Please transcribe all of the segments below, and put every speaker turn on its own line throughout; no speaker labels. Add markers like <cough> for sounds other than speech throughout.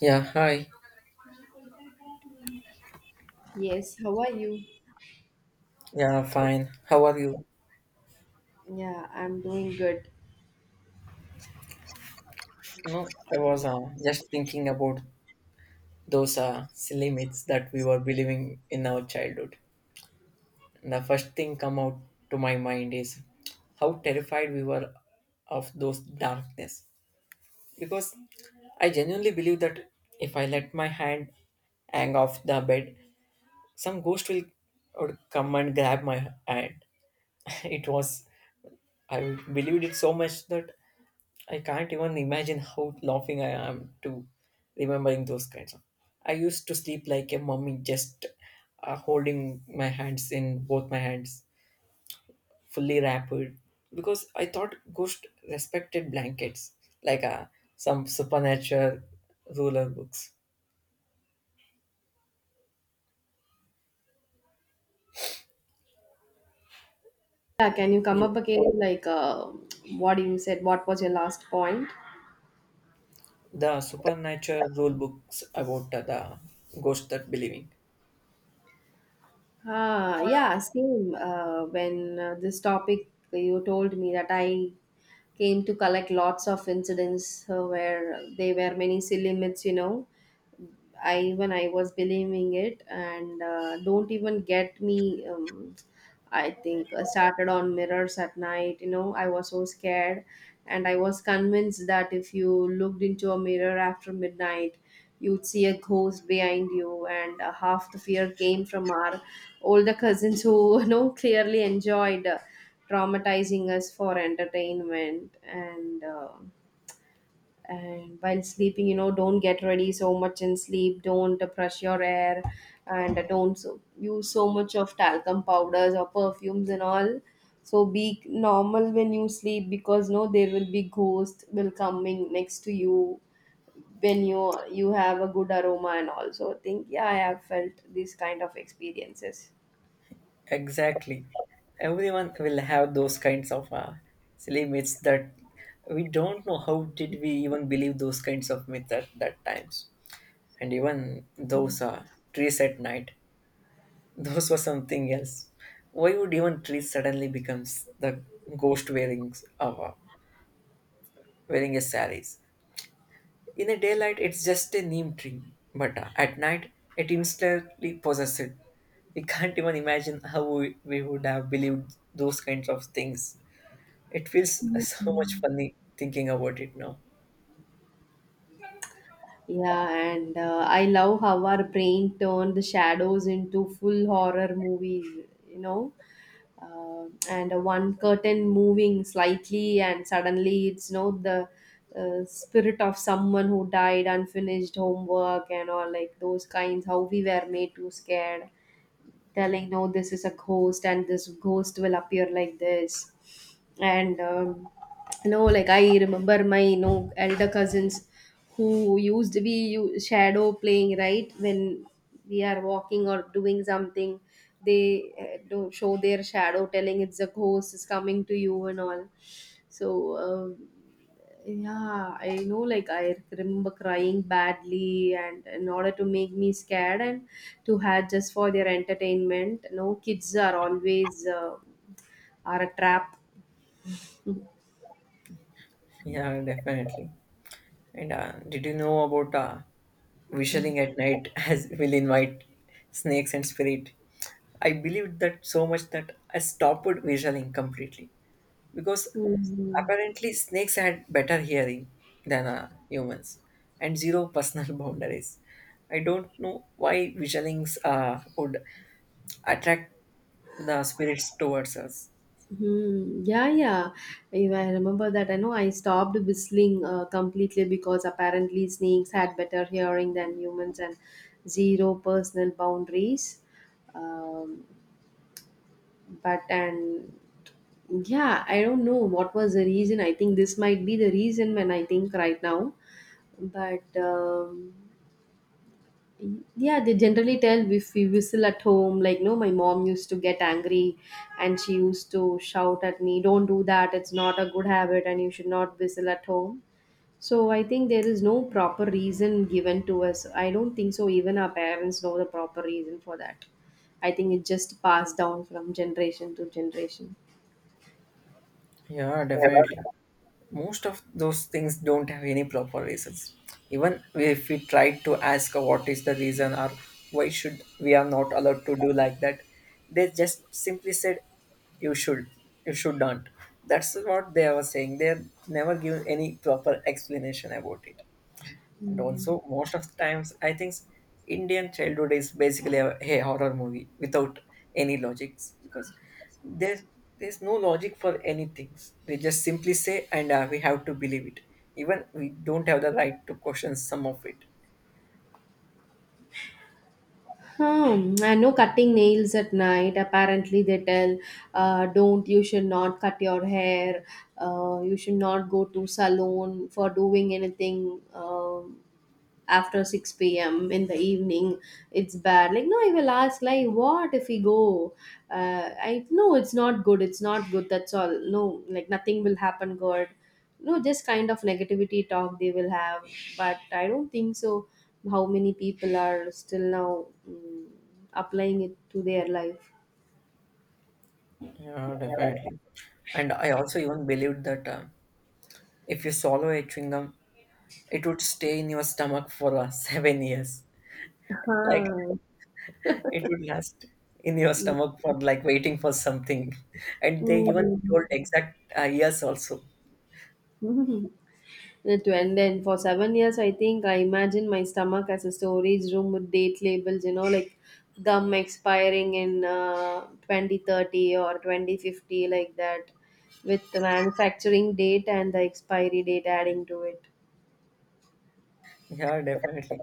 Yeah, hi.
Yes, how are you?
Yeah, fine. How are you?
Yeah, I'm doing good.
No, I was just thinking about those silly myths that we were believing in our childhood. The first thing come out to my mind is how terrified we were of those darkness. Because I genuinely believe that if I let my hand hang off the bed, some ghost will would come and grab my hand. <laughs> It was I believed it so much that I can't even imagine how laughing I am to remembering those kinds of. I used to sleep like a mummy, just holding my hands in both my hands, fully wrapped, because I thought ghost respected blankets, like some supernatural ruler books.
Yeah, can you
Yeah,
come up again? What you said, what was your last point?
the supernatural rule books about the ghost that believing.
Ah, yeah, same. When this topic, you told me that I came to collect lots of incidents where there were many silly myths, you know, I was believing it, and don't even get me. I think started on mirrors at night. You know, I was so scared, and I was convinced that if you looked into a mirror after midnight, you'd see a ghost behind you. And half the fear came from our older cousins who, <laughs> you know, clearly enjoyed traumatizing us for entertainment. And while sleeping, you know, don't get ready so much in sleep, don't brush your hair, and don't use so much of talcum powders or perfumes and all, so be normal when you sleep, because no, there will be ghost will coming next to you when you have a good aroma. And also think, yeah, I have felt these kind of experiences.
Exactly. Everyone will have those kinds of silly myths that we don't know how did we even believe those kinds of myths at that times. And even those trees at night, <laughs> those were something else. Why would even trees suddenly becomes the ghost wearing of wearing a saris? In the daylight, it's just a neem tree, but at night, it instantly possesses. We can't even imagine how we would have believed those kinds of things. It feels <laughs> so much funny thinking about it now.
Yeah, and I love how our brain turned the shadows into full horror movies, you know. And One curtain moving slightly and suddenly it's, you know, the spirit of someone who died unfinished homework and all, like those kinds how we were made too scared, telling no, this is a ghost, and this ghost will appear like this. And you know, like I remember my, you know, elder cousins who shadow playing, right? When we are walking or doing something, they do show their shadow, telling it's a ghost is coming to you and all. So um, yeah, I know, like I remember crying badly, and in order to make me scared and to have just for their entertainment, no, kids are always are a trap.
Yeah, definitely. And did you know about visioning at night <laughs> as will invite snakes and spirit? I believed that so much that I stopped visioning completely because
Mhm.
apparently snakes had better hearing than humans and zero personal <laughs> boundaries. I don't know why visionings would attract the spirits towards us.
Mhm. Yeah, yeah. If I remember that. I know I stopped whistling completely because apparently snakes had better hearing than humans and zero personal boundaries. Um, but and yeah, I don't know what was the reason. I think this might be the reason when I think right now. But yeah, they generally tell if we whistle at home, like no, my mom used to get angry and she used to shout at me, don't do that, it's not a good habit, and you should not whistle at home. So I think there is no proper reason given to us. I don't think so even our parents know the proper reason for that. I think it just passed down from generation to generation.
Yeah, definitely. Most of those things don't have any proper reasons even if we try to ask what is the reason or why should we are not allowed to do like that. They just simply said you should you should not. That's what they were saying. They never give any proper explanation about it. And also most of the times I think Indian childhood is basically a horror movie without any logics because there's there's no logic for anything. They just simply say and we have to believe it. Even we don't have the right to question some of it.
Hmm. And no cutting nails at night. Apparently, they tell, don't, you should not cut your hair. You should not go to salon for doing anything. After 6 p.m. in the evening. It's bad. Like, no, I will ask, like, what if we go? I no, it's not good. It's not good. That's all. No, like, nothing will happen good. No, just kind of negativity talk they will have. But I don't think so. How many people are still now, applying it to their life?
Yeah, definitely. And I also even believed that if you swallow a chewing gum it would stay in your stomach for <laughs> 7 years. Like
Huh.
it would last in your stomach for like waiting for something. <laughs> And they even told
Mm.
exact years also.
<laughs> It went and for 7 years, I think I imagined my stomach as a storage room with date labels, you know, like gum expiring in 2030 or 2050, like that, with the manufacturing date and the expiry date adding to
Yeah, definitely.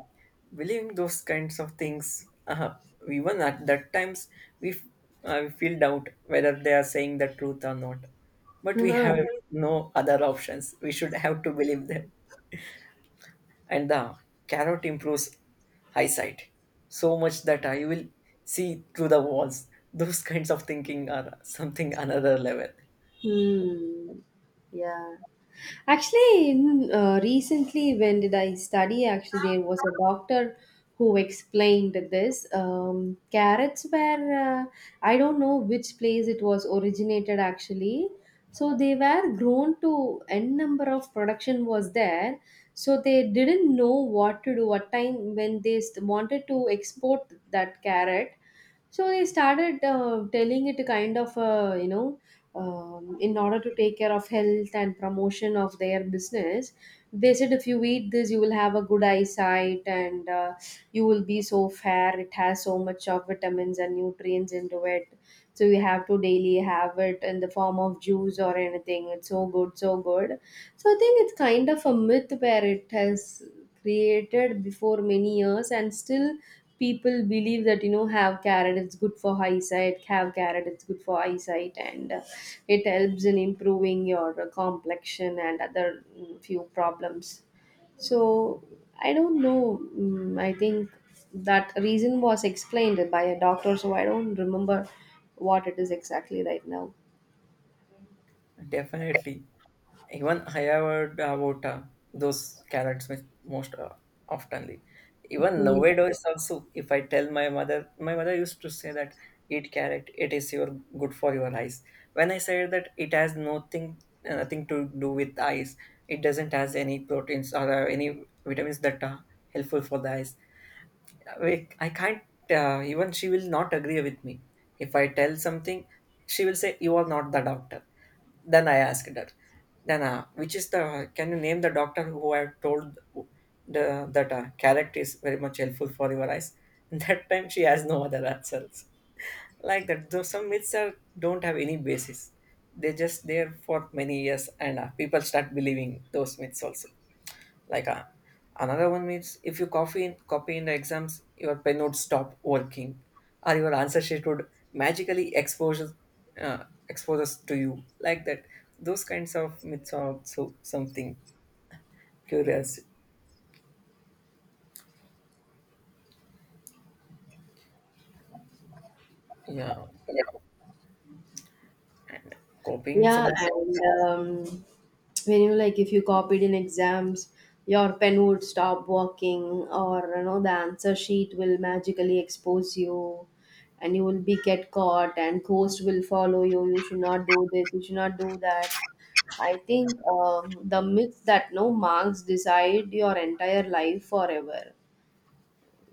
Believing those kinds of things, even at that times, we we feel doubt whether they are saying the truth or not. But we
it.
have
<laughs>
no other options. We should have to believe them. And the carrot improves eyesight so much that I will see through the walls. Those kinds of thinking are something another level.
Hmm. Yeah. Actually, recently when did I study? Actually, there was a doctor who explained this. Carrots were, I don't know which place it was originated actually. So they were grown to n number of production was there. So they didn't know what to do. What time when they wanted to export that carrot, so they started telling it kind of, you know, in order to take care of health and promotion of their business, they said if you eat this, you will have a good eyesight, and you will be so fair. It has so much of vitamins and nutrients into it, so you have to daily have it in the form of juice or anything. It's so good, so good. So I think it's kind of a myth where it has created before many years, and still people believe that, you know, have carrot, it's good for eyesight, have carrot, it's good for eyesight, and it helps in improving your complexion and other few problems. So I don't know. I think that reason was explained by a doctor, so I don't remember what it is exactly right now.
Definitely. Even I have heard about those carrots with most oftenly. Even
Hmm.
nowadays also, if I tell my mother used to say that eat carrot, it is your good for your eyes. When I said that it has nothing, nothing to do with eyes. It doesn't has any proteins or any vitamins that are helpful for the eyes. We, I can't even she will not agree with me. If I tell something, she will say you are not the doctor. Then I asked her, then which is the can you name the doctor who I have told the that carrot is very much helpful for your eyes? <laughs> That time she has no other answers. Like that, though some myths are don't have any basis. They're just there for many years, and people start believing those myths also like another one means if you copy in the exams your pen would stop working or your answer sheet would magically expose exposes to you like that. Those kinds of myths are also something curious. Yeah. And copying
Yeah,
some of
and um, when you like, if you copied in exams, your pen would stop working, or you know, the answer sheet will magically expose you, and you will be get caught, and ghost will follow you. You should not do this. You should not do that. I think the myth that no, marks decide your entire life forever.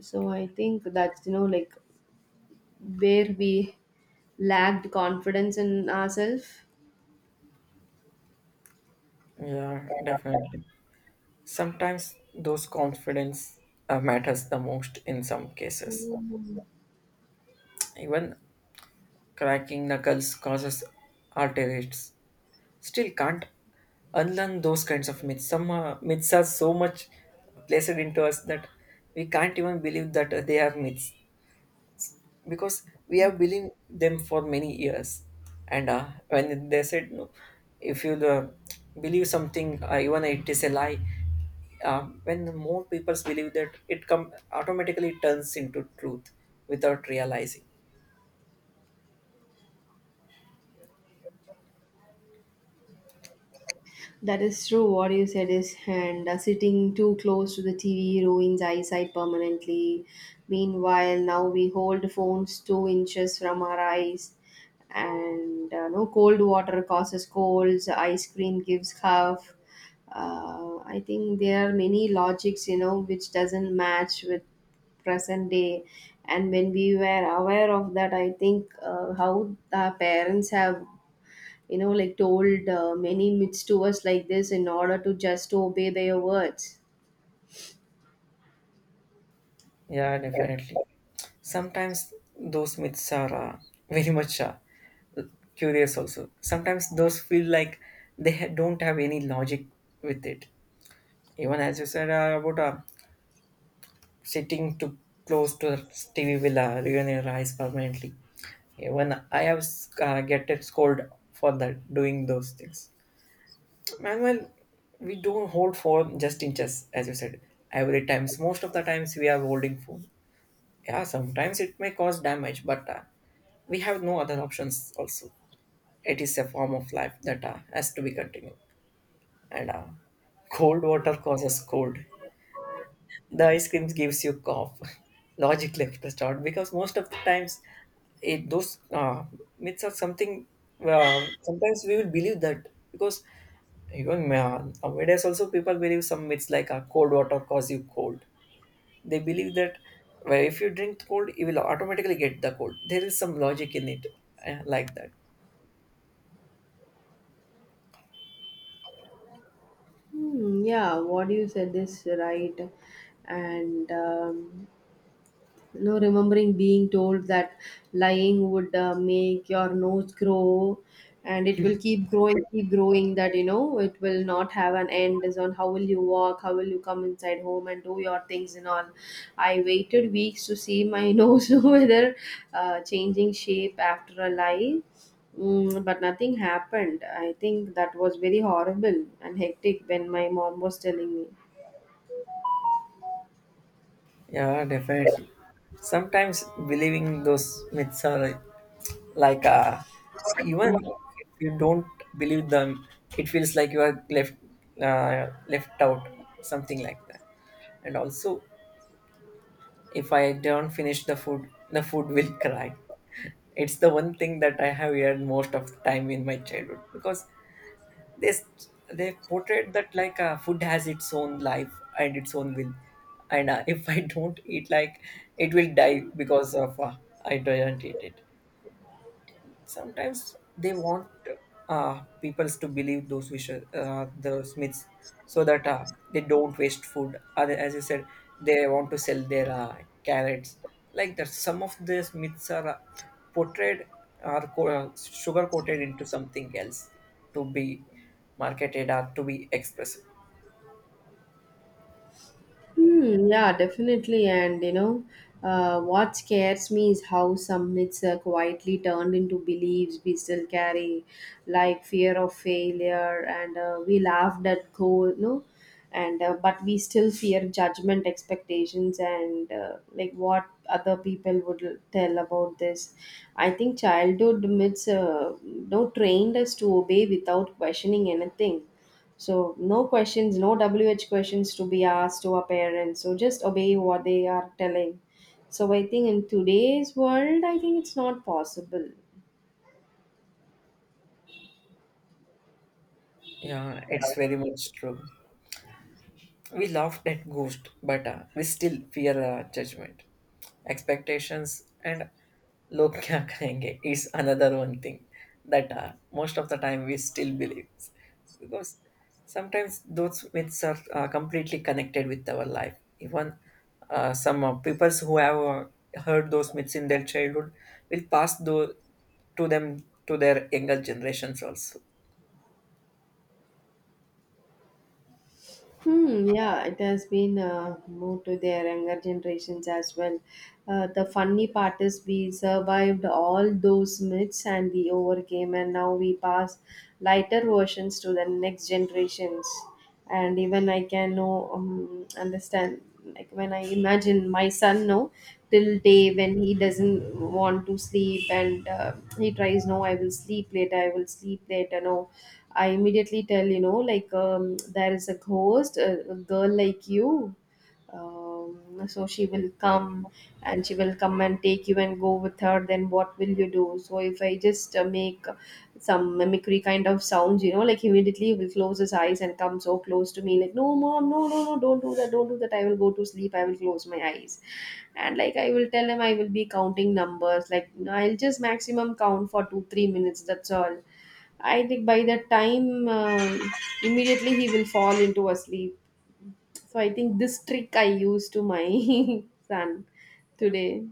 So I think that's, you know, like where we lacked confidence in ourselves.
yeah definitely sometimes those confidence matters the most in some cases. Even cracking knuckles causes arteries still can't unlearn those kinds of myths. Some myths are so much placed into us that we can't even believe that they are myths because we have believed them for many years. And when they said, no, if you believe something, even it is a lie, when more people believe that, it come automatically turns into truth without realizing.
That is true. What you said is, and sitting too close to the TV ruins eyesight permanently. Meanwhile, now we hold phones 2 inches from our eyes, and no, cold water causes colds. Ice cream gives cough. I think there are many logics, you know, which doesn't match with present day. And when we were aware of that, I think how our parents have, you know, like told many myths to us like this in order to just obey their words.
Yeah, definitely. Sometimes those myths are very much. Curious also. Sometimes those feel like they don't have any logic with it. Even as you said about sitting too close to the TV will ruin your eyes permanently. Even I have get it scolded for that doing those things. Manuel, we don't hold phone just in chess, as you said. Every times, most of the times we are holding phone. Yeah, sometimes it may cause damage, but we have no other options. Also, it is a form of life that has to be continued. And cold water causes cold. The ice cream gives you cough. <laughs> Logically start because most of the times, it those myths are something. Sometimes we will believe that because even nowadays also people believe some myths like cold water cause you cold. They believe that well, if you drink cold, you will automatically get the cold. There is some logic in it, like that.
Hmm, yeah, what you said is right. And you know, remembering being told that lying would make your nose grow, and it will keep growing that, you know, it will not have an end. Is on how will you walk, how will you come inside home and do your things and all. I waited weeks to see my <laughs> nose whether changing shape after a lie. Mm, but nothing happened. I think that was very horrible and hectic when my mom was telling me.
Yeah, definitely. Sometimes believing those myths are like even if you don't believe them, it feels like you are left left out, something like that. And also, if I don't finish the food will <laughs> cry. It's the one thing that I have heard most of the time in my childhood because they they portrayed that like food has its own life and its own will, and <laughs> if I don't eat, like it will die because of I don't eat it. Sometimes they want peoples to believe those wishes, those myths, so that they don't waste food. As you said, they want to sell their carrots. Like that, some of these myths are portrayed or sugar coated into something else to be marketed or to be expressed.
Hmm, yeah, definitely. And you know, what scares me is how some myths are quietly turned into beliefs we still carry, like fear of failure, and we laughed at goal, no, and but we still fear judgment, expectations, and like what other people would tell about this. I think childhood myths, no, trained us to obey without questioning anything. So no questions, no WH questions to be asked to our parents. So just obey what they are telling. So I think in today's world, I think it's not possible.
Yeah, it's very much true. We laughed at ghost, but we still fear judgment, expectations, and log kya kahenge <laughs> is another one thing that most of the time we still believe because sometimes those myths are completely connected with our life. Even some people who have heard those myths in their childhood will pass those to them to their younger generations also.
Hmm, yeah, it has been moved to their younger generations as well. The funny part is we survived all those myths and we overcame, and now we pass lighter versions to the next generations. And even I can know, understand, like when I imagine my son, no, till day when he doesn't want to sleep, and he tries, no, I will sleep later, I will sleep later, no, I immediately tell, you know, like there is a ghost, a girl like you. So she will come, and she will come and take you and go with her. Then what will you do? So if I just make some mimicry kind of sounds, you know, like immediately he will close his eyes and come so close to me, like, no, mom, no, no, no, don't do that, don't do that. I will go to sleep. I will close my eyes. And like I will tell him, I will be counting numbers. Like I'll just maximum count for two, 3 minutes. That's all. I think by the time immediately he will fall into a sleep. So I think this trick I used to my <laughs> son today.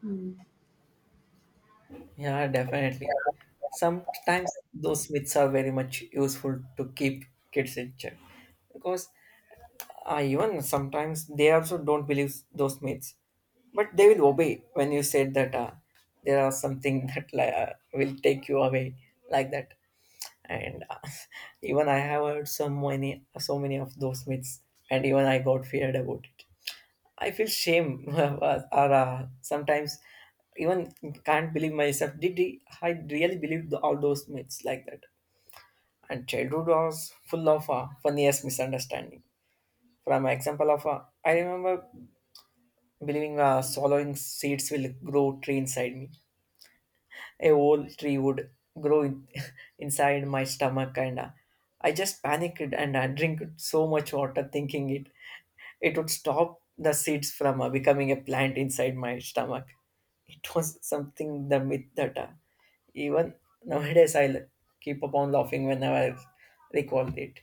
Hmm.
Yeah, definitely. Sometimes those myths are very much useful to keep kids in check because even sometimes they also don't believe those myths, but they will obey when you said that there are something <laughs> that will take you away like that. And <laughs> even I have heard so many, so many of those myths, and even I got feared about it. I feel shame <laughs> or sometimes even can't believe myself. I really believe all those myths like that? And childhood was full of funniest misunderstanding. From example of, I remember believing swallowing seeds will grow tree inside me. A whole tree would grow in, <laughs> inside my stomach, and I just panicked and I drank so much water, thinking it it would stop the seeds from becoming a plant inside my stomach. It was something the myth that even nowadays I keep upon laughing whenever I recall it.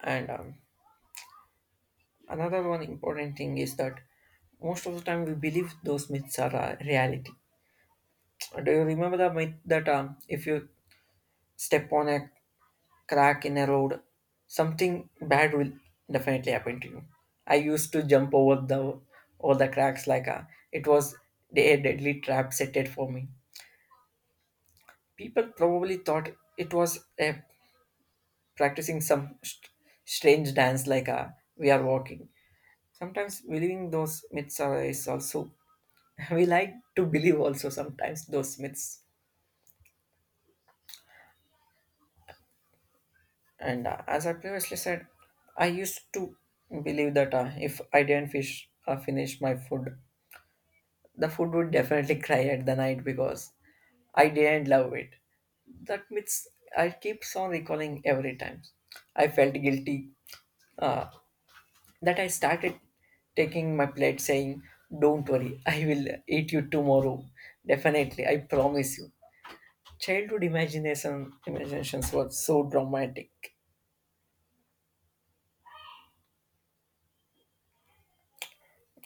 And another one important thing is that most of the time we believe those myths are reality. Do you remember the myth that if you step on a crack in a road, something bad will definitely happen to you. I used to jump over the cracks like a, it was a deadly trap set for me. People probably thought it was a, practicing some strange dance like a, we are walking. Sometimes believing those myths are, is also <laughs> we like to believe also sometimes those myths. And as I previously said, I used to believe that if I didn't fish finish my food the food would definitely <laughs> cry at the night because I didn't love it. That means I keeps on recalling every time. I felt guilty that I started taking my plate saying, don't worry, I will eat you tomorrow. Definitely, I promise you. Childhood imaginations were so dramatic.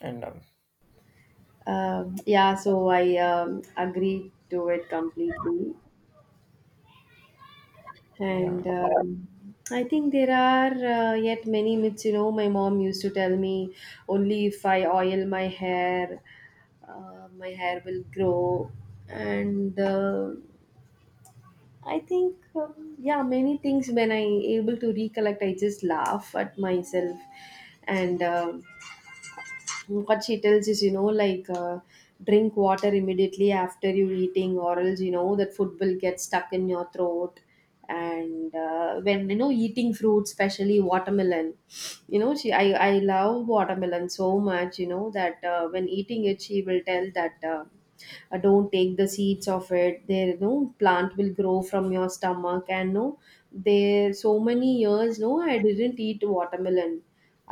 And
Yeah, so I agreed to it completely.
yeah,
And I think there are yet many myths. You know, my mom used to tell me only if I oil my hair will grow. And I think, yeah, many things when I able to recollect, I just laugh at myself, and what she tells is, you know, like drink water immediately after you eating, or else, you know, that food will get stuck in your throat. And when you know eating fruit, especially watermelon, you know, she, I love watermelon so much, you know that when eating it she will tell that don't take the seeds of it, there, you know, plant will grow from your stomach, and no, there so many years no, I didn't eat watermelon.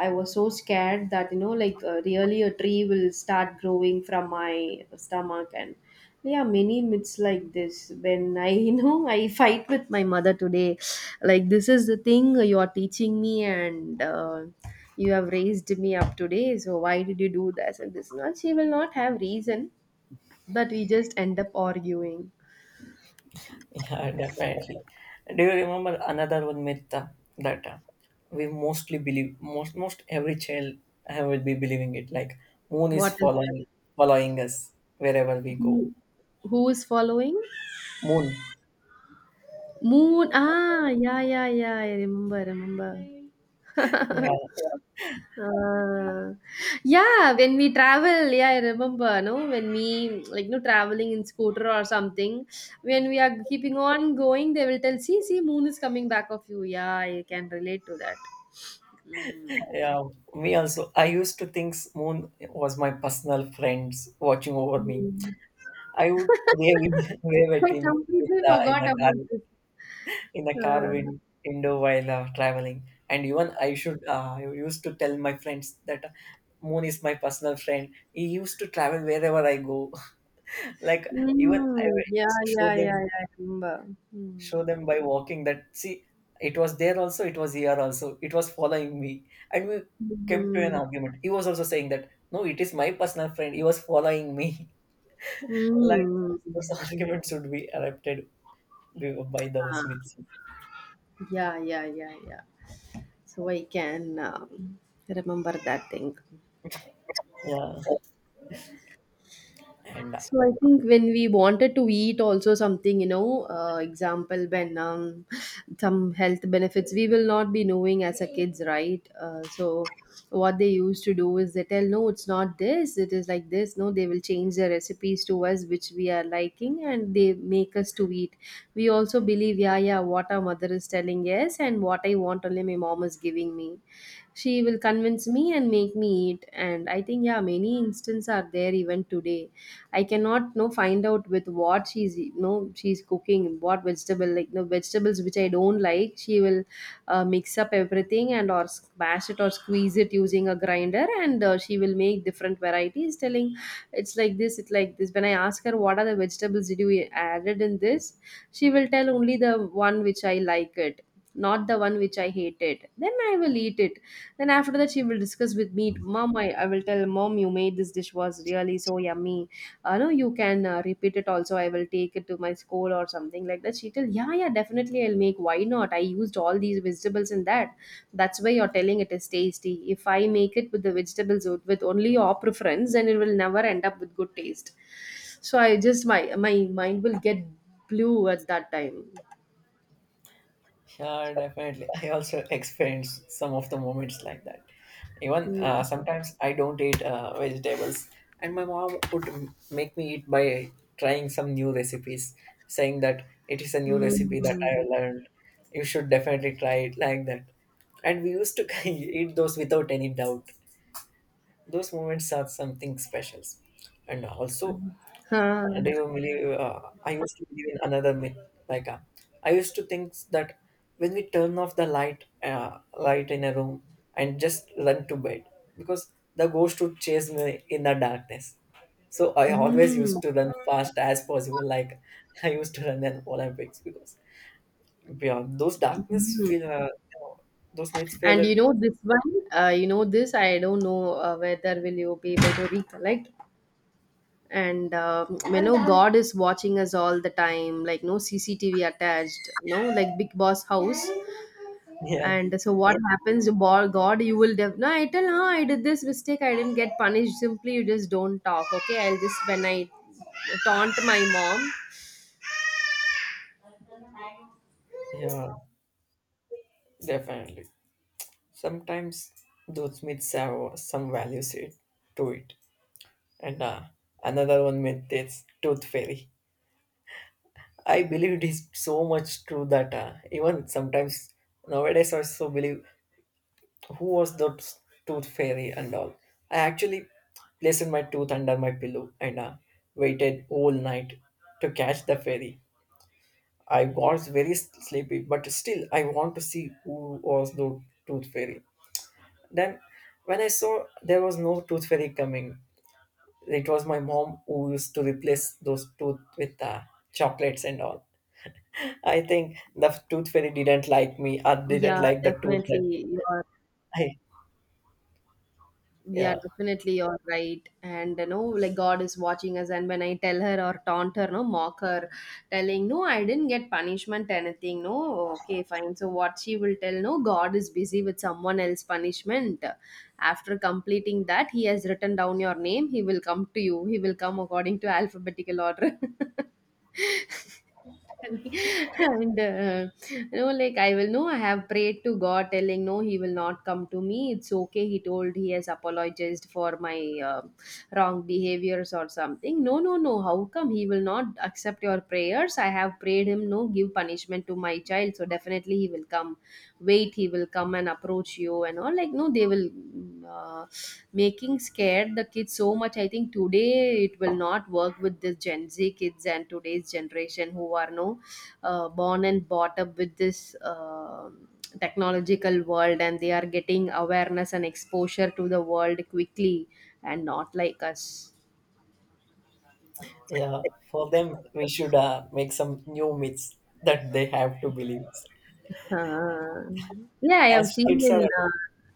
I was so scared that, you know, like really, a tree will start growing from my stomach. And yeah, many myths like this. When I, <laughs> I fight with my mother today, like this is the thing you are teaching me, and you have raised me up today. So why did you do this and this? Not she will not have reason, but we just end up arguing.
yeah, <laughs> definitely. Do you remember another one myth that we mostly believe most every child will be believing it like moon is
What is that?
following us wherever we go.
Who, who is following?
Moon.
Moon. Ah, yeah, yeah, yeah. I remember, remember.
Yeah,
Uh, yeah, when we travel, yeah, I remember, no, when we like no traveling in scooter or something, when we are keeping on going, they will tell, see, see, moon is coming back of you. Yeah, I can relate to that.
yeah. Me also. I used to think moon was my personal friends watching over me.
Mm.
I would wave <laughs> wave at
I
him with
completely
in the
forgot
car
about this.
in the car
Uh,
win- window while traveling, and even I used to tell my friends that moon is my personal friend, he used to travel wherever I go. <laughs> Like, even I
yeah,
used to show
yeah, yeah,
them,
yeah, I remember. Mm.
by walking that, see, it was there also, it was here also, it was following me. And we came to an
Mm.
argument, he was also saying that no, it is my personal friend, he was following me. <laughs> Like,
Mm.
those arguments should be erupted by those
Ah,
myths.
yeah, yeah, yeah, yeah. So I can remember that thing.
Yeah, and
So I think when we wanted to eat also something, you know, example when some health benefits, we will not be knowing as a kids, right? So what they used to do is they tell, no, it's not this, it is like this. No, they will change the recipes to us which we are liking, and they make us to eat. We also believe, yeah, yeah, what our mother is telling, yes, and what I want only my mom is giving me, she will convince me and make me eat. And I think, yeah, many instances are there even today. I cannot no find out with what she's no she's cooking what vegetable, like no vegetables which I don't like, she will mix up everything and or smash it or squeeze it using a grinder, and she will make different varieties telling it's like this, it's like this. When I ask her what are the vegetables did you added in this, she will tell only the one which I like it, not the one which I hated, then I will eat it. Then after that, she will discuss with me, Mom, I will tell, Mom, you made this dish was really so yummy. No, you can repeat it also. I will take it to my school or something like that. She tell, yeah, yeah, definitely I'll make. Why not? I used all these vegetables in that. That's why you're telling it is tasty. If I make it with the vegetables with only your preference, then it will never end up with good taste. So I just my mind will get blue at that time.
yeah, definitely. I also <laughs> experienced some of the moments like that. Even
Mm.
sometimes I don't eat vegetables, and my mom would make me eat by trying some new recipes, saying that it is a new recipe that I
Mm.
learned. You should definitely try it like that. And we used to <laughs> eat those without any doubt. Those moments are something special. And also,
Ah.
do you believe I used to believe in another myth, like, I used to think that when we turn off the light in a room and just run to bed, because the ghost would chase me in the darkness. So I always used
Mm.
to run fast as possible, like, <laughs> I used to run in Olympics because, yeah, those darkness
Mm.
feel those myths feel
And you know this one, you know this. I don't know whether will you be able to recollect. And you know, God is watching us all the time. Like no CCTV attached. No, like Big Boss house.
yeah,
And so what happens, God? You will no. I tell, no, I did this mistake. I didn't get punished. Simply, you just don't talk. Okay, I'll just when I taunt my mom.
yeah, definitely. Sometimes those myths have some values to it. And another one myth is Tooth Fairy. I believe it is so much true that even sometimes nowadays I also believe who was the Tooth Fairy and all. I actually placed my tooth under my pillow and waited all night to catch the fairy. I was very sleepy, but still I want to see who was the Tooth Fairy. Then when I saw there was no Tooth Fairy coming, it was my mom who used to replace those tooth with chocolates and all. I think the tooth fairy didn't like me or didn't
Yeah,
like the tooth that
definitely. You're.
<laughs> I,
Yeah,
yeah,
definitely you're right. And you know, like God is watching us. And when I tell her or taunt her, no, mock her, telling, no, I didn't get punishment, anything. No, okay, fine. So, what she will tell, no, God is busy with someone else punishment. After completing that, he has written down your name. He will come to you. He will come according to alphabetical order. <laughs> <laughs> And you know, like I will know I have prayed to God, telling no he will not come to me, it's okay, he told he has apologized for my uh, wrong behaviors or something. No, no, no, how come he will not accept your prayers, I have prayed him no, give punishment to my child, so definitely he will come, wait, he will come and approach you and all, like no they will mm, uh, making scared the kids so much. I think today it will not work with the Gen Z kids and today's generation who are no born and brought up with this uh, technological world, and they are getting awareness and exposure to the world quickly, and not like us.
yeah. For them, we should make some new myths that they have to believe.
Uh, yeah, I
As
have seen
kids are,
in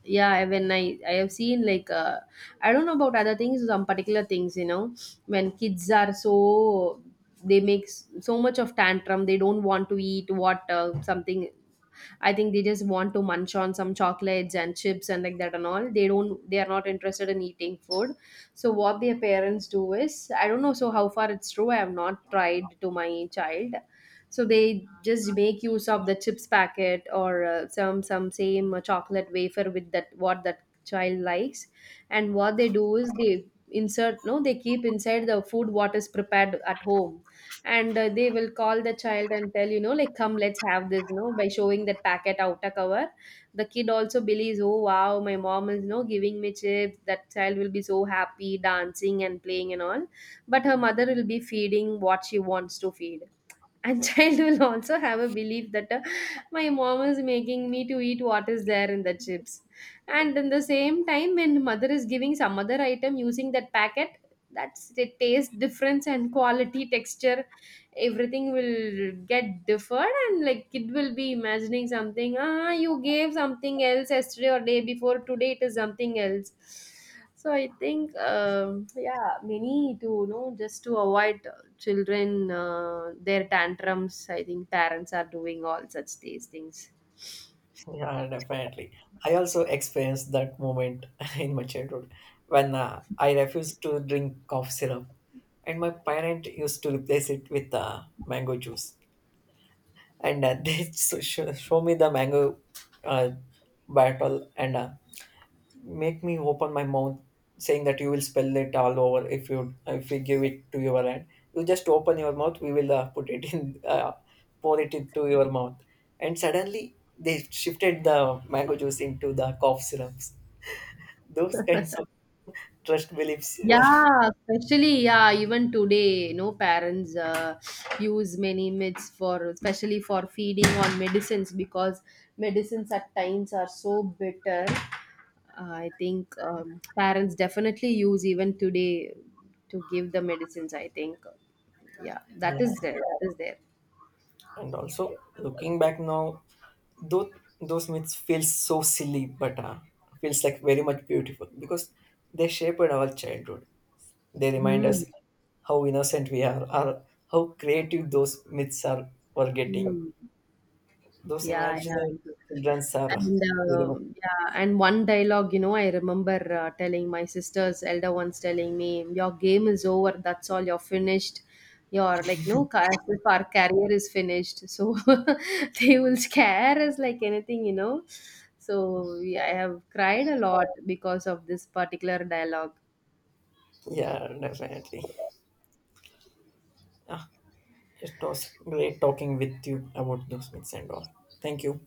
yeah, when I have seen like I don't know about other things, some particular things you know, when kids are so they make so much of tantrum, they don't want to eat what something. I think they just want to munch on some chocolates and chips and like that and all. They are not interested in eating food. So what their parents do is, I don't know so how far it's true. I have not tried to my child. So they just make use of the chips packet or some same chocolate wafer with that what that child likes. And what they do is they insert no they keep inside the food what is prepared at home, and they will call the child and tell, you know like come let's have this, you know, by showing that packet outer cover. The kid also believes, oh wow, my mom is you know giving me chips, that child will be so happy, dancing and playing and all. But her mother will be feeding what she wants to feed, and <laughs> child will also have a belief that my mom is making me to eat what is there in the chips. And in the same time when mother is giving some other item using that packet, that's the taste difference and quality texture, everything will get deferred, and like kid will be imagining something, ah you gave something else yesterday or day before, today it is something else. So I think yeah, many to you know just to avoid children their tantrums, I think parents are doing all such these things.
<laughs> yeah, definitely. I also experienced that moment <laughs> in my childhood when I refused to drink cough syrup, and my parent used to replace it with mango juice. And <laughs> they show me the mango uh, bottle and make me open my mouth, saying that you will spill it all over if you, if we give it to your hand. You just open your mouth, we will put it in, <laughs> pour it into your mouth. And suddenly they shifted the mango juice into the cough syrups. Those kinds of trust beliefs were
Yeah, especially yeah, even today, you know, parents use many myths for especially for feeding on medicines, because medicines at times are so bitter. I think parents definitely use even today to give the medicines. I think, yeah,
<laughs> yeah,
that is there. That is there.
and also looking back now, though those myths feel so silly, but feels like very much beautiful because they shaped our childhood. They remind
Hmm.
us how innocent we are, or how creative those myths are. Were getting
Hmm.
those
Yeah, yeah,
imaginary
yeah.
childrens are
And
very much
yeah, and one dialogue you know I remember telling my sisters, elder ones telling me your game is over, that's all you're finished, you're like no as if our career is finished, so <laughs> they will scare us like anything you know. So yeah, I have cried a lot because of this particular dialogue.
yeah, definitely. Ah, it was great talking with you about those myths and all. Thank you.